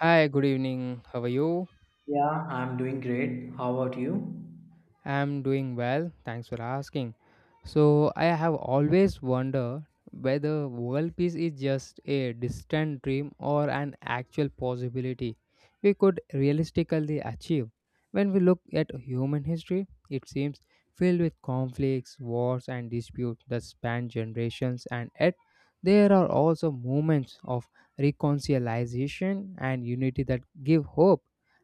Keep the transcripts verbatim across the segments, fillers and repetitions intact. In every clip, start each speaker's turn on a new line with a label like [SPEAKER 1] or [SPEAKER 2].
[SPEAKER 1] Hi, good evening. How are you?
[SPEAKER 2] Yeah, I'm doing great. How about you?
[SPEAKER 1] I'm doing well. Thanks for asking. So, I have always wondered whether world peace is just a distant dream or an actual possibility we could realistically achieve. When we look at human history, it seems filled with conflicts, wars, and disputes that span generations, and yet there are also moments of reconciliation and unity that give hope.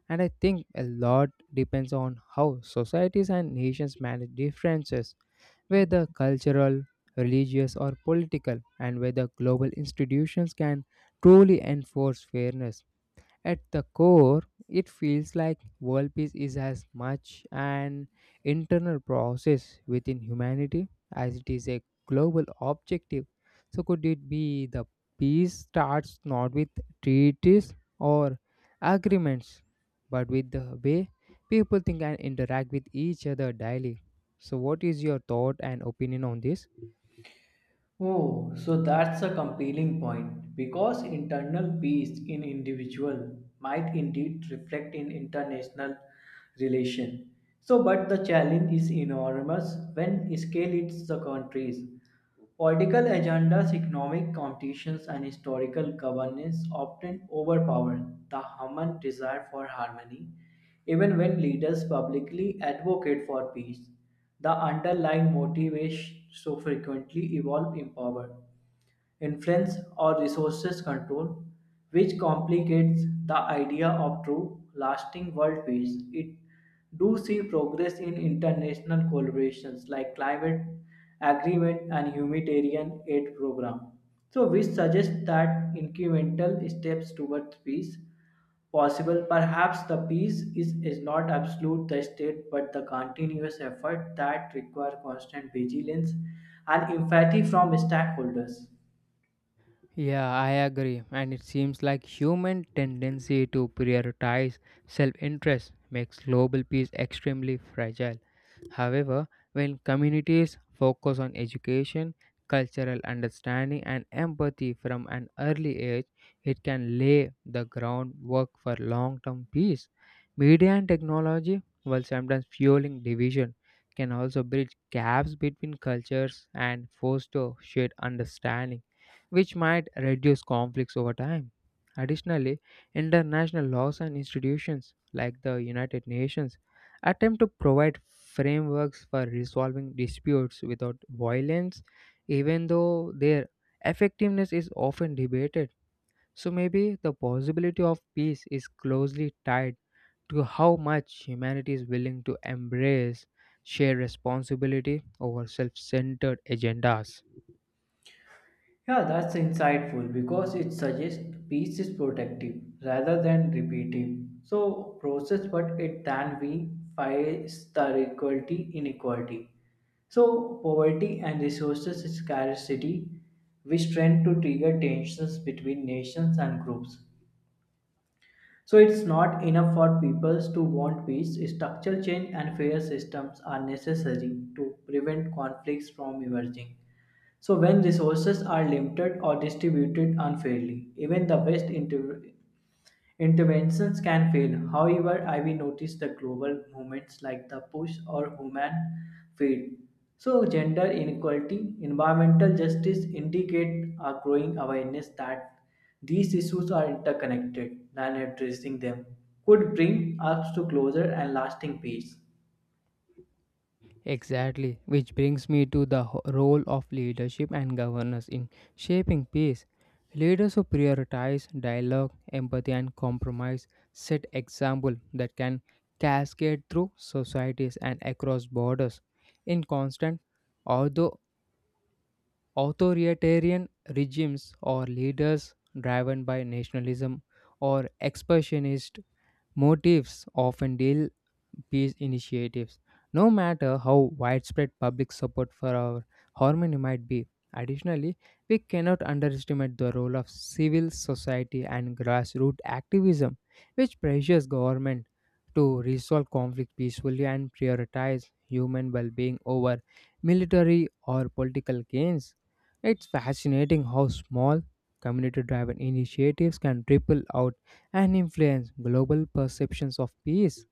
[SPEAKER 1] And I think a lot depends on how societies and nations manage differences, whether cultural, religious, or political, and whether global institutions can truly enforce fairness. At the core, it feels like world peace is as much an internal process within humanity as it is a global objective. So, could it be the peace starts not with treaties or agreements, but with the way people think and interact with each other daily? So, what is your thought and opinion on this?
[SPEAKER 2] Oh, so that's a compelling point because internal peace in individual might indeed reflect in international relation. So, but the challenge is enormous when scale it's the countries. Political agendas, economic competitions, and historical governance often overpower the human desire for harmony. Even when leaders publicly advocate for peace, the underlying motivations so frequently evolve in power influence, or resources control, which complicates the idea of true, lasting world peace. It do see progress in international collaborations like climate agreement and humanitarian aid program. So, which suggests that incremental steps towards peace possible. Perhaps the peace is, is not absolute the state, but the continuous effort that require constant vigilance and empathy from stakeholders.
[SPEAKER 1] Yeah, I agree. And it seems like human tendency to prioritize self-interest makes global peace extremely fragile. However, when communities focus on education, cultural understanding, and empathy from an early age, it can lay the groundwork for long term peace. Media and technology, while sometimes fueling division, can also bridge gaps between cultures and foster shared understanding, which might reduce conflicts over time. Additionally, international laws and institutions like the United Nations attempt to provide frameworks for resolving disputes without violence, even though their effectiveness is often debated. So maybe the possibility of peace is closely tied to how much humanity is willing to embrace shared responsibility over self centered agendas.
[SPEAKER 2] Yeah, that's insightful because it suggests peace is protective rather than repetitive. So process but it than we fights the equality inequality. So poverty and resources scarcity which tend to trigger tensions between nations and groups. So it's not enough for peoples to want peace. Structural change and fair systems are necessary to prevent conflicts from emerging. So when resources are limited or distributed unfairly, even the best inter- interventions can fail. However, I will notice the global movements like the push or human field. So, gender inequality, environmental justice indicate a growing awareness that these issues are interconnected, and addressing them could bring us to closer and lasting peace.
[SPEAKER 1] Exactly, which brings me to the ho- role of leadership and governance in shaping peace. Leaders who prioritize dialogue, empathy, and compromise set example that can cascade through societies and across borders. In constant, although authoritarian regimes or leaders driven by nationalism or expansionist motives often deal peace initiatives. No matter how widespread public support for our harmony might be, additionally, we cannot underestimate the role of civil society and grassroots activism, which pressures government to resolve conflict peacefully and prioritize human well-being over military or political gains. It's fascinating how small community-driven initiatives can ripple out and influence global perceptions of peace.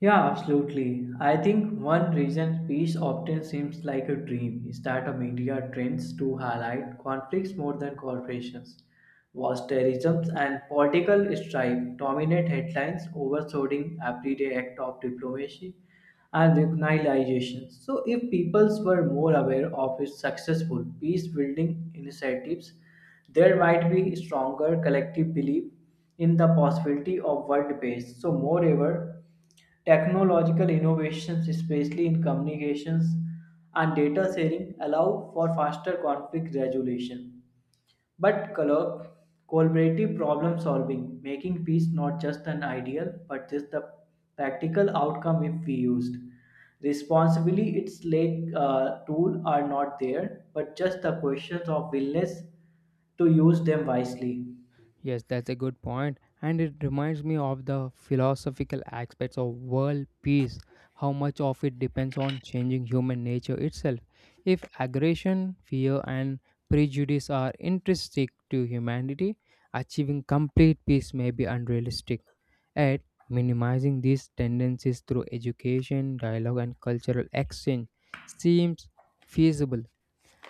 [SPEAKER 2] Yeah, absolutely. I think one reason peace often seems like a dream is that the media trends to highlight conflicts more than corporations. Whilst terrorism and political strife dominate headlines, overshadowing everyday act of diplomacy and recognition. So, if peoples were more aware of its successful peace-building initiatives, there might be stronger collective belief in the possibility of world peace. So, moreover technological innovations, especially in communications and data sharing, allow for faster conflict resolution. But collo- collaborative problem solving, making peace not just an ideal but just the practical outcome if we used. Responsibly, its like uh, tool are not there, but just the questions of willingness to use them wisely.
[SPEAKER 1] Yes, that's a good point, and it reminds me of the philosophical aspects of world peace, how much of it depends on changing human nature itself. If aggression, fear, and prejudice are intrinsic to humanity, achieving complete peace may be unrealistic. Yet, minimizing these tendencies through education, dialogue, and cultural exchange seems feasible.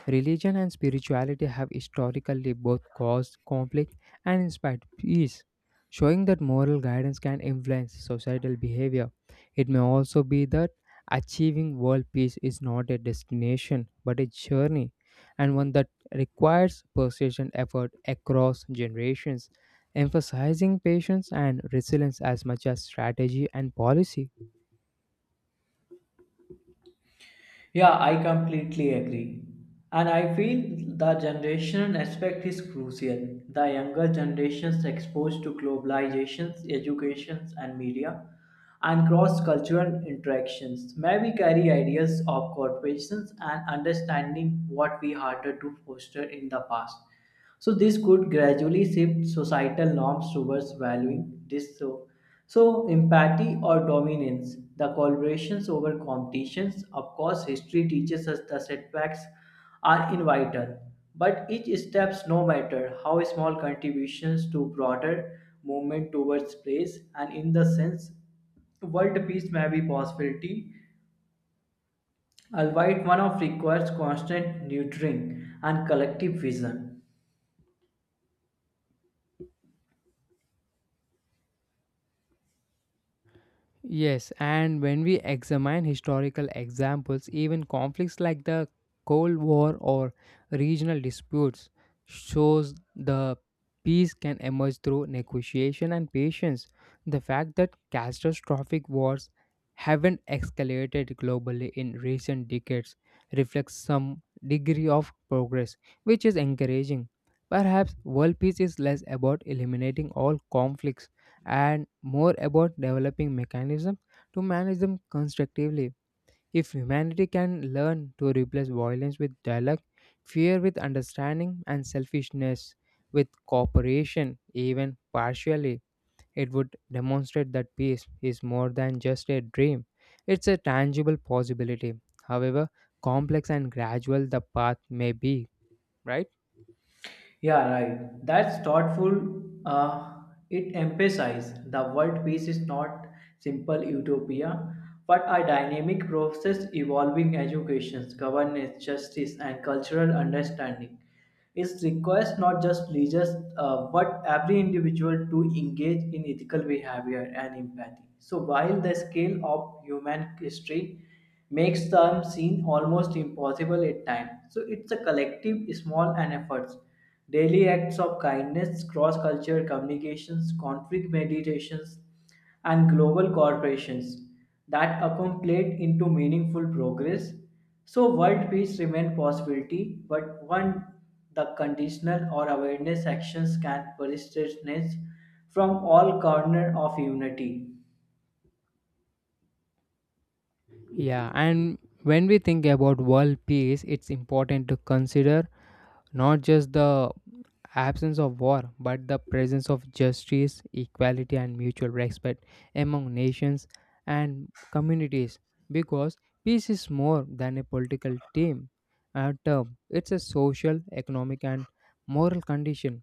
[SPEAKER 1] Religion and spirituality have historically both caused conflict and inspired peace, showing that moral guidance can influence societal behavior. It may also be that achieving world peace is not a destination but a journey, and one that requires persistent effort across generations, emphasizing patience and resilience as much as strategy and policy.
[SPEAKER 2] Yeah, I completely agree. And I feel the generation aspect is crucial. The younger generations exposed to globalizations, educations and media and cross-cultural interactions may we carry ideas of corporations and understanding what we harder to foster in the past. So this could gradually shift societal norms towards valuing this so. So empathy or dominance, the collaborations over competitions, of course history teaches us the setbacks are inevitable. But each steps, no matter how small contributions to broader movement towards place and in the sense world peace may be possibility, albeit one of requires constant nurturing and collective vision.
[SPEAKER 1] Yes, and when we examine historical examples, even conflicts like the Cold War or regional disputes shows the peace can emerge through negotiation and patience. The fact that catastrophic wars haven't escalated globally in recent decades reflects some degree of progress, which is encouraging. Perhaps world peace is less about eliminating all conflicts and more about developing mechanisms to manage them constructively. If humanity can learn to replace violence with dialogue, fear with understanding, and selfishness with cooperation, even partially, it would demonstrate that peace is more than just a dream. It's a tangible possibility. However, complex and gradual the path may be, right?
[SPEAKER 2] Yeah, right. That's thoughtful. Uh, it emphasizes the world peace is not simple utopia, but a dynamic process evolving education, governance, justice, and cultural understanding. It requires not just leaders, uh, but every individual to engage in ethical behavior and empathy. So while the scale of human history makes them seem almost impossible at times, so it's a collective, small, and efforts. Daily acts of kindness, cross cultural communications, conflict meditations, and global corporations that accumulate into meaningful progress. So, world peace remains possibility, but one the conditional or awareness actions can persist from all corner of unity.
[SPEAKER 1] Yeah, and when we think about world peace, it's important to consider not just the absence of war, but the presence of justice, equality, and mutual respect among nations and communities. Because peace is more than a political team uh, term. It's a social, economic, and moral condition.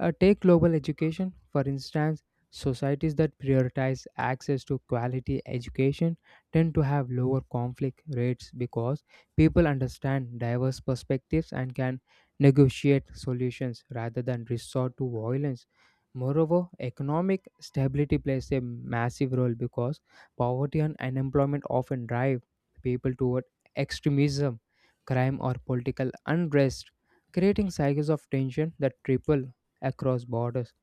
[SPEAKER 1] Uh, take global education, for instance. Societies that prioritize access to quality education tend to have lower conflict rates because people understand diverse perspectives and can negotiate solutions rather than resort to violence. Moreover, economic stability plays a massive role because poverty and unemployment often drive people toward extremism, crime, or political unrest, creating cycles of tension that triple across borders.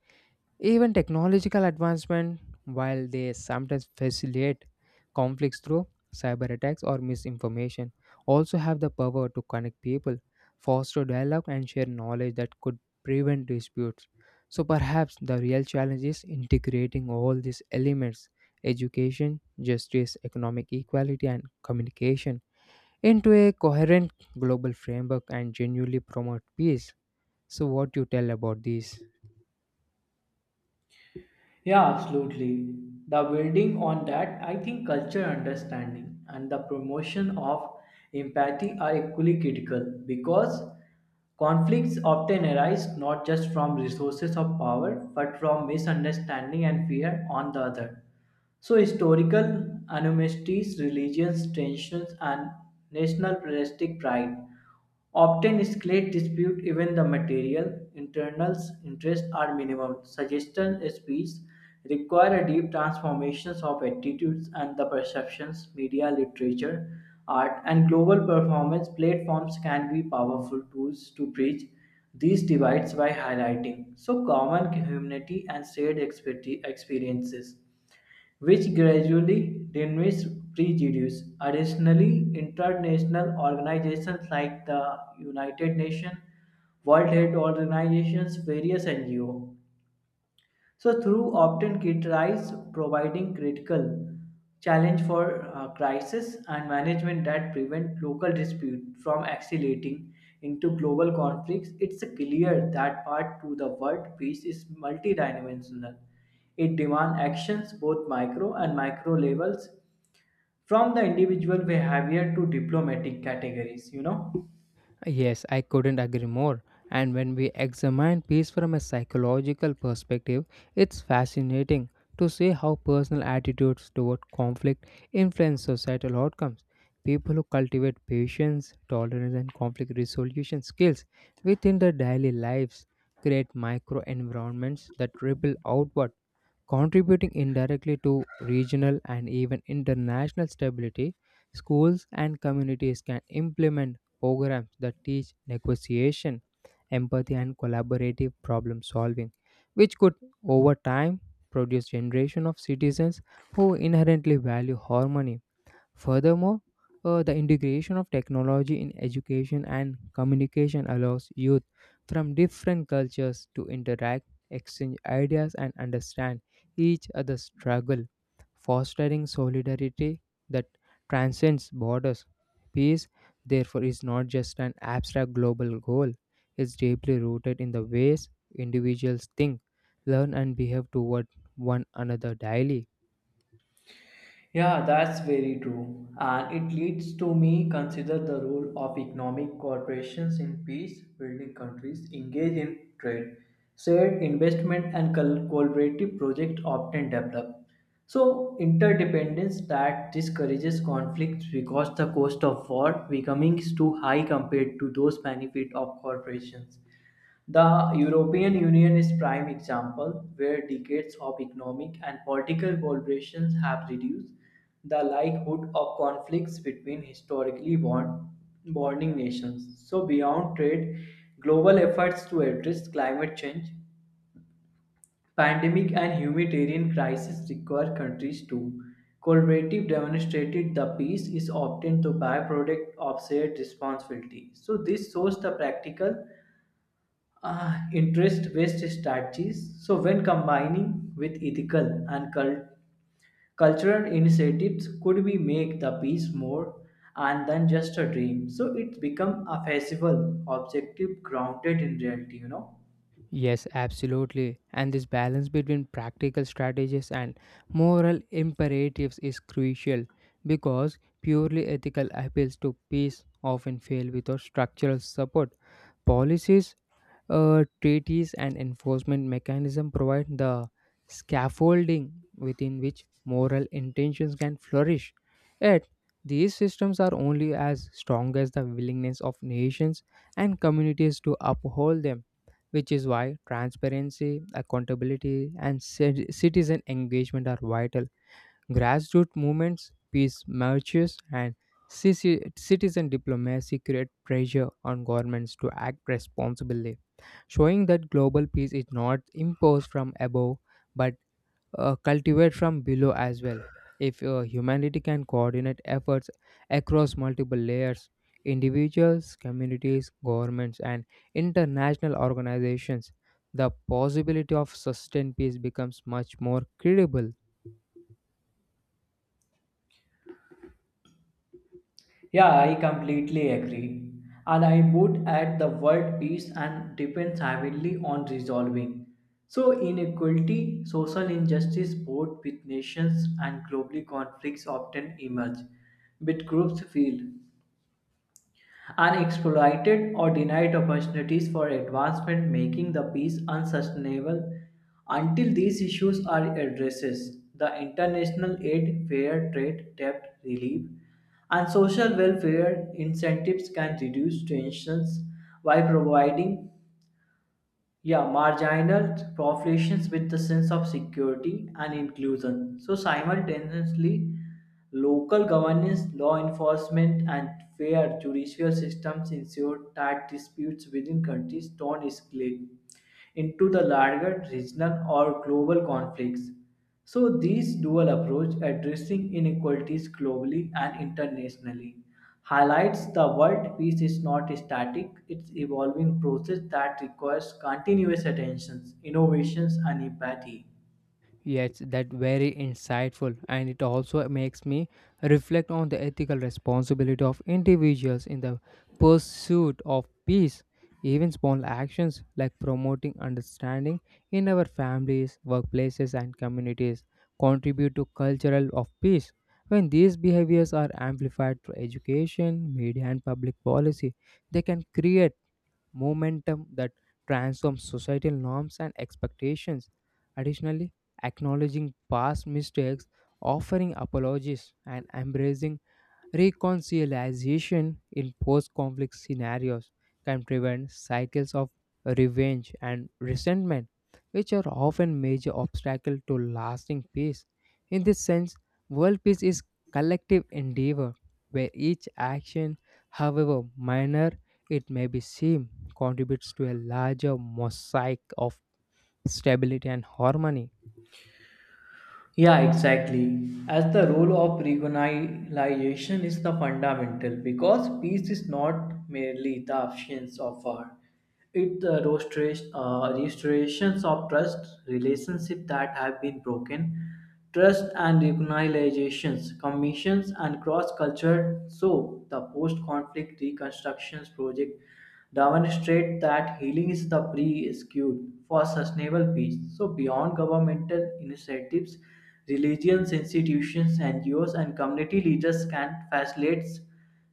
[SPEAKER 1] Even technological advancement, while they sometimes facilitate conflicts through cyber attacks or misinformation, also have the power to connect people, foster dialogue, and share knowledge that could prevent disputes. So perhaps the real challenge is integrating all these elements education, justice, economic equality, and communication into a coherent global framework and genuinely promote peace. So, what you tell about this?
[SPEAKER 2] Yeah, absolutely. The building on that, I think culture understanding and the promotion of empathy are equally critical because conflicts often arise not just from resources of power but from misunderstanding and fear on the other. So, historical animosities, religious tensions, and nationalistic pride often escalate dispute even the material internals interests are minimum. Suggestion speeds require a deep transformations of attitudes and the perceptions, media, literature, art, and global performance platforms can be powerful tools to bridge these divides by highlighting so common humanity and shared expecti- experiences which gradually diminished prejudice. Additionally, international organizations like the United Nations, World Health Organizations, various N G Os so through opt-in kit rise providing critical challenge for uh, crisis and management that prevent local dispute from escalating into global conflicts, it's clear that part to the world peace is multidimensional. It demands actions both micro and macro levels from the individual behavior to diplomatic categories, you know.
[SPEAKER 1] Yes, I couldn't agree more. And when we examine peace from a psychological perspective, it's fascinating to see how personal attitudes toward conflict influence societal outcomes. People who cultivate patience, tolerance, and conflict resolution skills within their daily lives create micro environments that ripple outward contributing indirectly to regional and even international stability. Schools and communities can implement programs that teach negotiation, empathy, and collaborative problem solving, which could over time produce generation of citizens who inherently value harmony. Furthermore, uh, the integration of technology in education and communication allows youth from different cultures to interact, exchange ideas, and understand each other's struggle, fostering solidarity that transcends borders. Peace, therefore, is not just an abstract global goal, it's deeply rooted in the ways individuals think, learn, and behave toward one another daily.
[SPEAKER 2] Yeah, that's very true. And it leads to me consider the role of economic corporations in peace building countries engage in trade, shared investment and col- collaborative projects often develop. So interdependence that discourages conflicts because the cost of war becoming is too high compared to those benefit of corporations. The European Union is prime example where decades of economic and political collaborations have reduced the likelihood of conflicts between historically bond- bonding nations. So beyond trade, global efforts to address climate change, pandemic and humanitarian crisis require countries to collaborative demonstrated the peace is obtained the byproduct of shared responsibility. So this shows the practical uh, interest-based strategies. So, when combining with ethical and cul- cultural initiatives, could we make the piece more and than just a dream? So, it's become a feasible, objective, grounded in reality. You know.
[SPEAKER 1] Yes, absolutely. And this balance between practical strategies and moral imperatives is crucial because purely ethical appeals to peace often fail without structural support. Policies Uh, treaties and enforcement mechanism provide the scaffolding within which moral intentions can flourish. Yet, these systems are only as strong as the willingness of nations and communities to uphold them, which is why transparency, accountability, and cit- citizen engagement are vital. Grassroots movements, peace marches, and cici- citizen diplomacy create pressure on governments to act responsibly, showing that global peace is not imposed from above but uh, cultivated from below as well. If uh, humanity can coordinate efforts across multiple layers, individuals, communities, governments, and international organizations, the possibility of sustained peace becomes much more credible.
[SPEAKER 2] Yeah, I completely agree. And I would add the word peace and depends heavily on resolving. So, inequality, social injustice, both with nations and globally conflicts often emerge, but groups feel unexploited or denied opportunities for advancement, making the peace unsustainable until these issues are addressed. The international aid, fair trade, debt relief, and social welfare incentives can reduce tensions by providing yeah, marginalized populations with the sense of security and inclusion. So simultaneously, local governance, law enforcement, and fair judicial systems ensure that disputes within countries don't escalate into the larger regional or global conflicts. So this dual approach addressing inequalities globally and internationally highlights the world peace is not a static, it's evolving process that requires continuous attention, innovations and empathy.
[SPEAKER 1] Yes, that very insightful, and it also makes me reflect on the ethical responsibility of individuals in the pursuit of peace. Even small actions like promoting understanding in our families, workplaces, and communities contribute to cultural of peace. When these behaviors are amplified through education, media, and public policy, they can create momentum that transforms societal norms and expectations. Additionally, acknowledging past mistakes, offering apologies, and embracing reconciliation in post conflict scenarios can prevent cycles of revenge and resentment, which are often major obstacles to lasting peace. In this sense, world peace is collective endeavor where each action, however minor it may be seem, contributes to a larger mosaic of stability and harmony.
[SPEAKER 2] Yeah, exactly. As the role of recognition is the fundamental because peace is not merely the absence of war. It the restoration, uh, restorations of trust, relationship that have been broken, trust and reorganizations, commissions, and cross-cultural. So, the post-conflict reconstructions project demonstrate that healing is the prerequisite for sustainable peace. So, beyond governmental initiatives, religions, institutions, N G Os, and community leaders can facilitate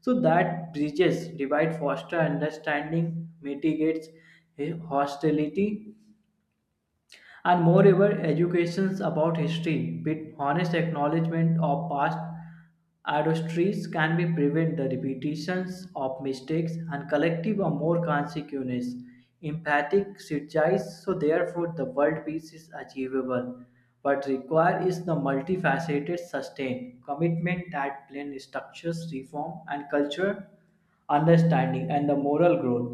[SPEAKER 2] so that bridges divide, foster understanding, mitigates hostility, and moreover, educations about history with honest acknowledgement of past adversities can be prevent the repetitions of mistakes and collective or more consequences. Empathic strategies, so therefore the world peace is achievable, but require is the multifaceted sustained commitment that blend structures, reform and culture understanding and the moral growth.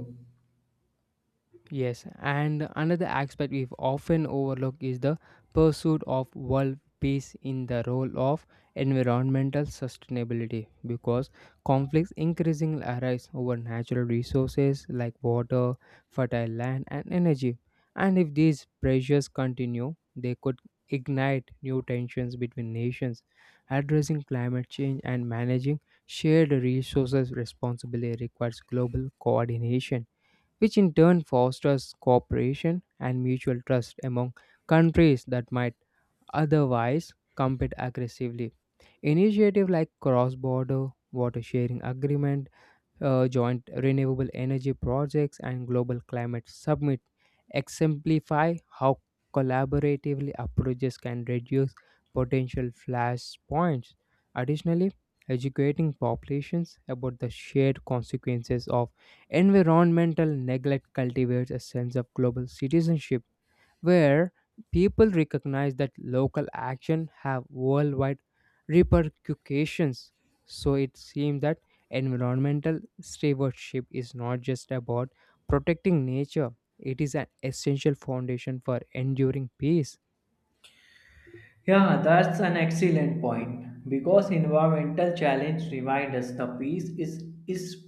[SPEAKER 1] Yes, and another aspect we've often overlooked is the pursuit of world peace in the role of environmental sustainability because conflicts increasingly arise over natural resources like water, fertile land, and energy. And if these pressures continue, they could ignite new tensions between nations. Addressing climate change and managing shared resources responsibly requires global coordination which in turn fosters cooperation and mutual trust among countries that might otherwise compete aggressively. Initiatives like cross border water sharing agreement uh, joint renewable energy projects and global climate summit exemplify how collaboratively approaches can reduce potential flashpoints. Additionally, educating populations about the shared consequences of environmental neglect cultivates a sense of global citizenship where people recognize that local action have worldwide repercussions. So it seems that environmental stewardship is not just about protecting nature, it is an essential foundation for enduring peace.
[SPEAKER 2] Yeah, that's an excellent point because environmental challenge remind us the peace is, is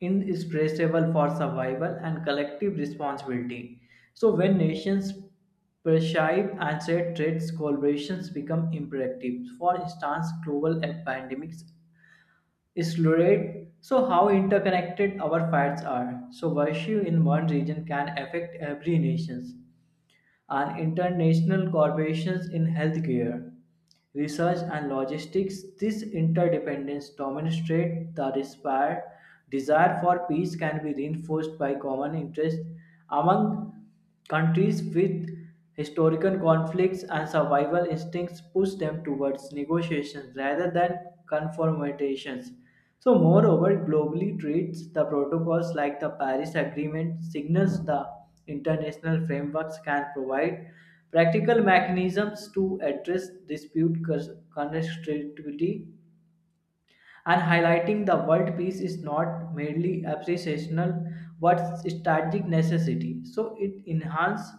[SPEAKER 2] inexpressible for survival and collective responsibility. So when nations prescribe and set threats, collaborations become imperative. For instance, global pandemics accelerate so how interconnected our fights are. So virtue in one region can affect every nation and international corporations in healthcare, research, and logistics. This interdependence demonstrates the despair- desire for peace can be reinforced by common interests among countries with historical conflicts and survival instincts push them towards negotiations rather than confrontations. So, moreover, globally treats the protocols like the Paris Agreement signals the international frameworks can provide practical mechanisms to address dispute cons- connectivity and highlighting the world peace is not merely aspirational, but strategic necessity. So it enhances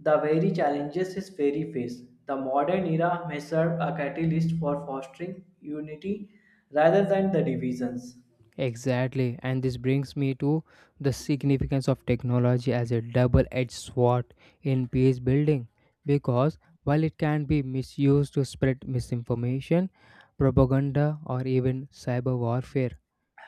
[SPEAKER 2] the very challenges is very face. The modern era may serve a catalyst for fostering unity rather than the divisions.
[SPEAKER 1] Exactly, and this brings me to the significance of technology as a double edged sword in peace building. Because while it can be misused to spread misinformation, propaganda, or even cyber warfare,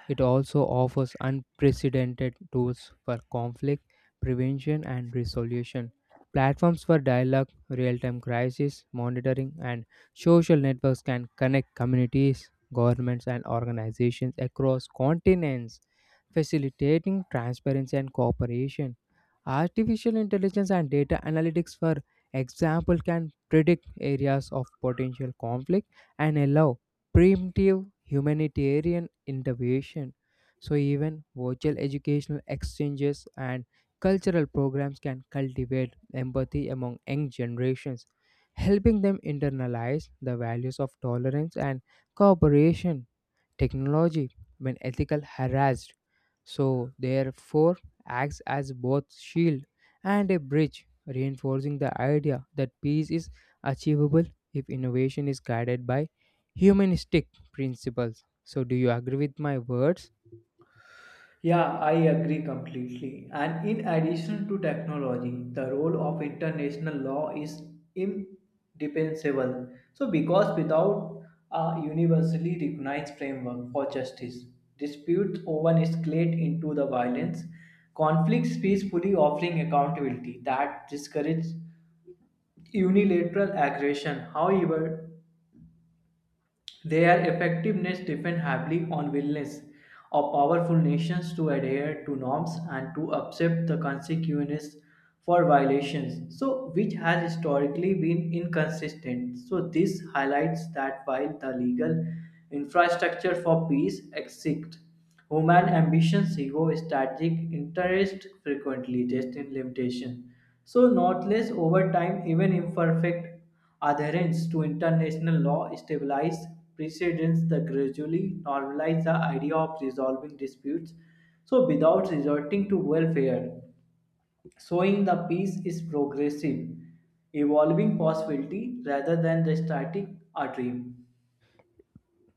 [SPEAKER 1] it also offers unprecedented tools for conflict prevention and resolution, platforms for dialogue, real time crisis monitoring, and social networks can connect communities, governments, and organizations across continents facilitating transparency and cooperation. Artificial intelligence and data analytics, for example, can predict areas of potential conflict and allow preemptive humanitarian intervention. So, even virtual educational exchanges and cultural programs can cultivate empathy among young generations, helping them internalize the values of tolerance and cooperation technology when ethical harassed so therefore acts as both shield and a bridge reinforcing the idea that peace is achievable if innovation is guided by humanistic principles. So do you agree with my words?
[SPEAKER 2] Yeah, I agree completely. And in addition to technology, the role of international law is indispensable. So, because without a universally recognized framework for justice, disputes often escalate into the violence, conflicts peacefully offering accountability that discourages unilateral aggression. However, their effectiveness depends heavily on willingness of powerful nations to adhere to norms and to accept the consequences for violations, so which has historically been inconsistent. So this highlights that while the legal infrastructure for peace exists, human ambitions, ego, strategic interest frequently test in limitation. So not less over time, even imperfect adherence to international law established precedents that gradually normalized the idea of resolving disputes so without resorting to welfare, showing the peace is progressive, evolving possibility rather than the static a dream.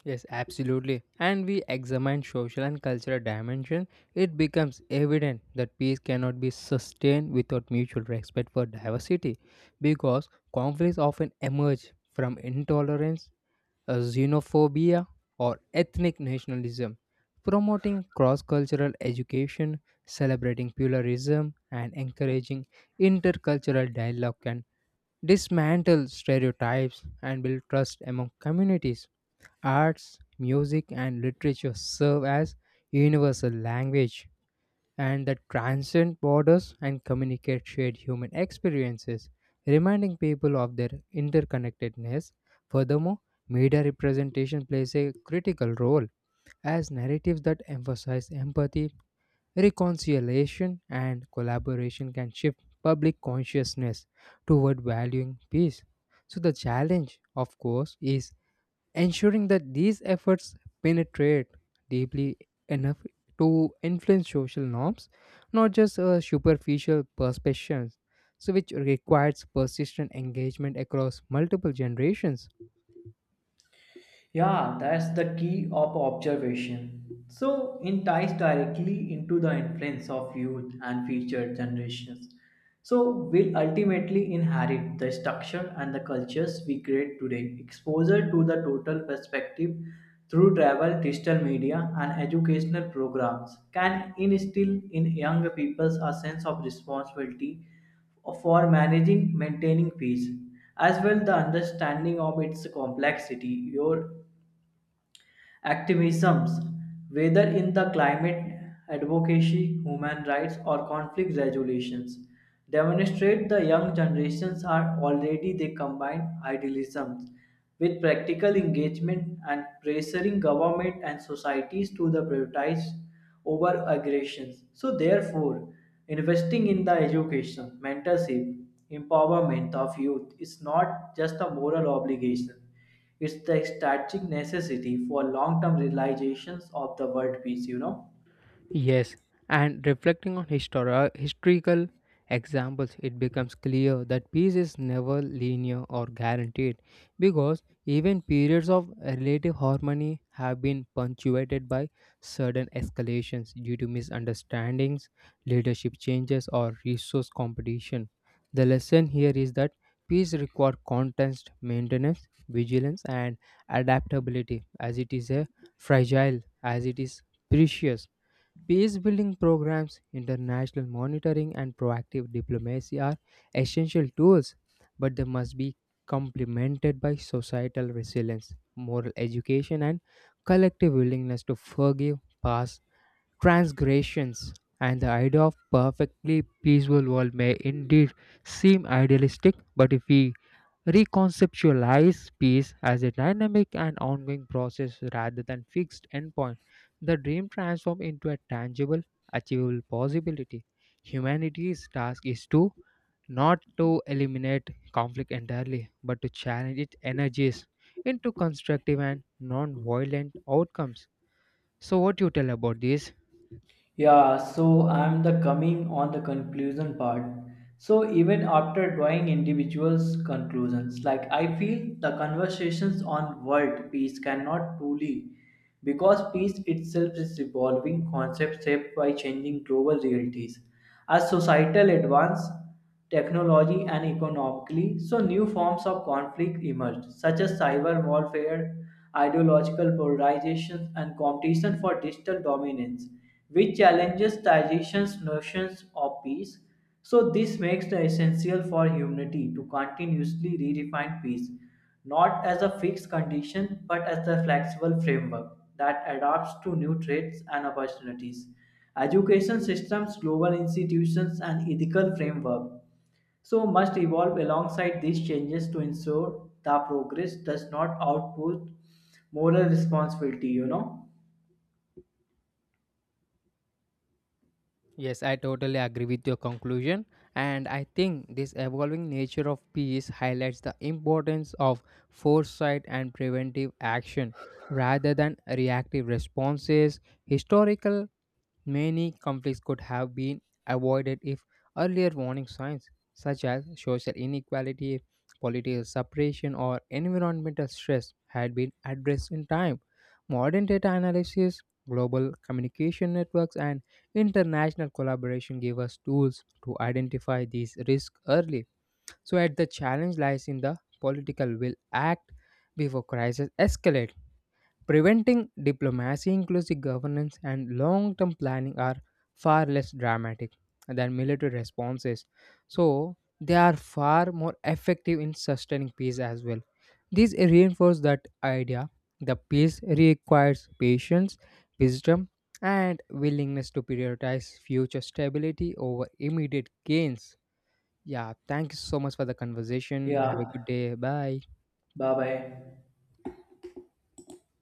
[SPEAKER 1] Yes, absolutely. And we examine social and cultural dimension, it becomes evident that peace cannot be sustained without mutual respect for diversity because conflicts often emerge from intolerance, uh, xenophobia, or ethnic nationalism. Promoting cross cultural education, celebrating pluralism, and encouraging intercultural dialogue can dismantle stereotypes and build trust among communities. Arts, music, and literature serve as universal language and that transcend borders and communicate shared human experiences, reminding people of their interconnectedness. Furthermore, media representation plays a critical role as narratives that emphasize empathy, reconciliation, and collaboration can shift public consciousness toward valuing peace. So, the challenge, of course, is ensuring that these efforts penetrate deeply enough to influence social norms, not just uh, superficial perceptions, so which requires persistent engagement across multiple generations.
[SPEAKER 2] Yeah, that's the key of observation. So it ties directly into the influence of youth and future generations. So will ultimately inherit the structure and the cultures we create today. Exposure to the total perspective through travel, digital media, and educational programs can instill in young peoples a sense of responsibility for managing maintaining peace as well the understanding of its complexity your activisms, whether in the climate advocacy, human rights, or conflict resolutions, demonstrate the young generations are already they combine idealisms with practical engagement and pressuring government and societies to the prioritize over aggressions. So therefore, investing in the education, mentorship, empowerment of youth is not just a moral obligation. It's the strategic necessity for long-term realizations of the world peace, you know.
[SPEAKER 1] Yes, and reflecting on histori- historical examples, it becomes clear that peace is never linear or guaranteed because even periods of relative harmony have been punctuated by sudden escalations due to misunderstandings, leadership changes, or resource competition. The lesson here is that peace requires constant maintenance, vigilance, and adaptability as it is a fragile, as it is precious. Peace building programs, international monitoring, and proactive diplomacy are essential tools, but they must be complemented by societal resilience, moral education, and collective willingness to forgive past transgressions. And the idea of perfectly peaceful world may indeed seem idealistic, but if we reconceptualize peace as a dynamic and ongoing process rather than fixed endpoint. The dream transforms into a tangible, achievable possibility. Humanity's task is to not to eliminate conflict entirely, but to challenge its energies into constructive and non-violent outcomes. So, what you tell about this?
[SPEAKER 2] Yeah, so I'm the coming on the conclusion part. So even after drawing individuals' conclusions, like I feel the conversations on world peace cannot truly, because peace itself is evolving concept shaped by changing global realities. As societal advance, technology, and economically, so new forms of conflict emerged, such as cyber warfare, ideological polarization, and competition for digital dominance, which challenges traditions' notions of peace. So this makes the essential for humanity to continuously redefine peace, not as a fixed condition, but as a flexible framework that adapts to new threats and opportunities education systems, global institutions, and ethical framework so must evolve alongside these changes to ensure the progress does not output moral responsibility, you know.
[SPEAKER 1] Yes, I totally agree with your conclusion. And I think this evolving nature of peace highlights the importance of foresight and preventive action rather than reactive responses. Historical many conflicts could have been avoided if earlier warning signs, such as social inequality, political separation, or environmental stress, had been addressed in time. Modern data analysis, global communication networks, and international collaboration give us tools to identify these risks early. So, at the challenge lies in the political will act before crises escalate. Preventing diplomacy, inclusive governance, and long term planning are far less dramatic than military responses. So, they are far more effective in sustaining peace as well. This reinforces that idea the peace requires patience, wisdom, and willingness to prioritize future stability over immediate gains. Yeah, thank you so much for the conversation. Have a
[SPEAKER 2] Yeah,
[SPEAKER 1] good day. Bye.
[SPEAKER 2] bye bye.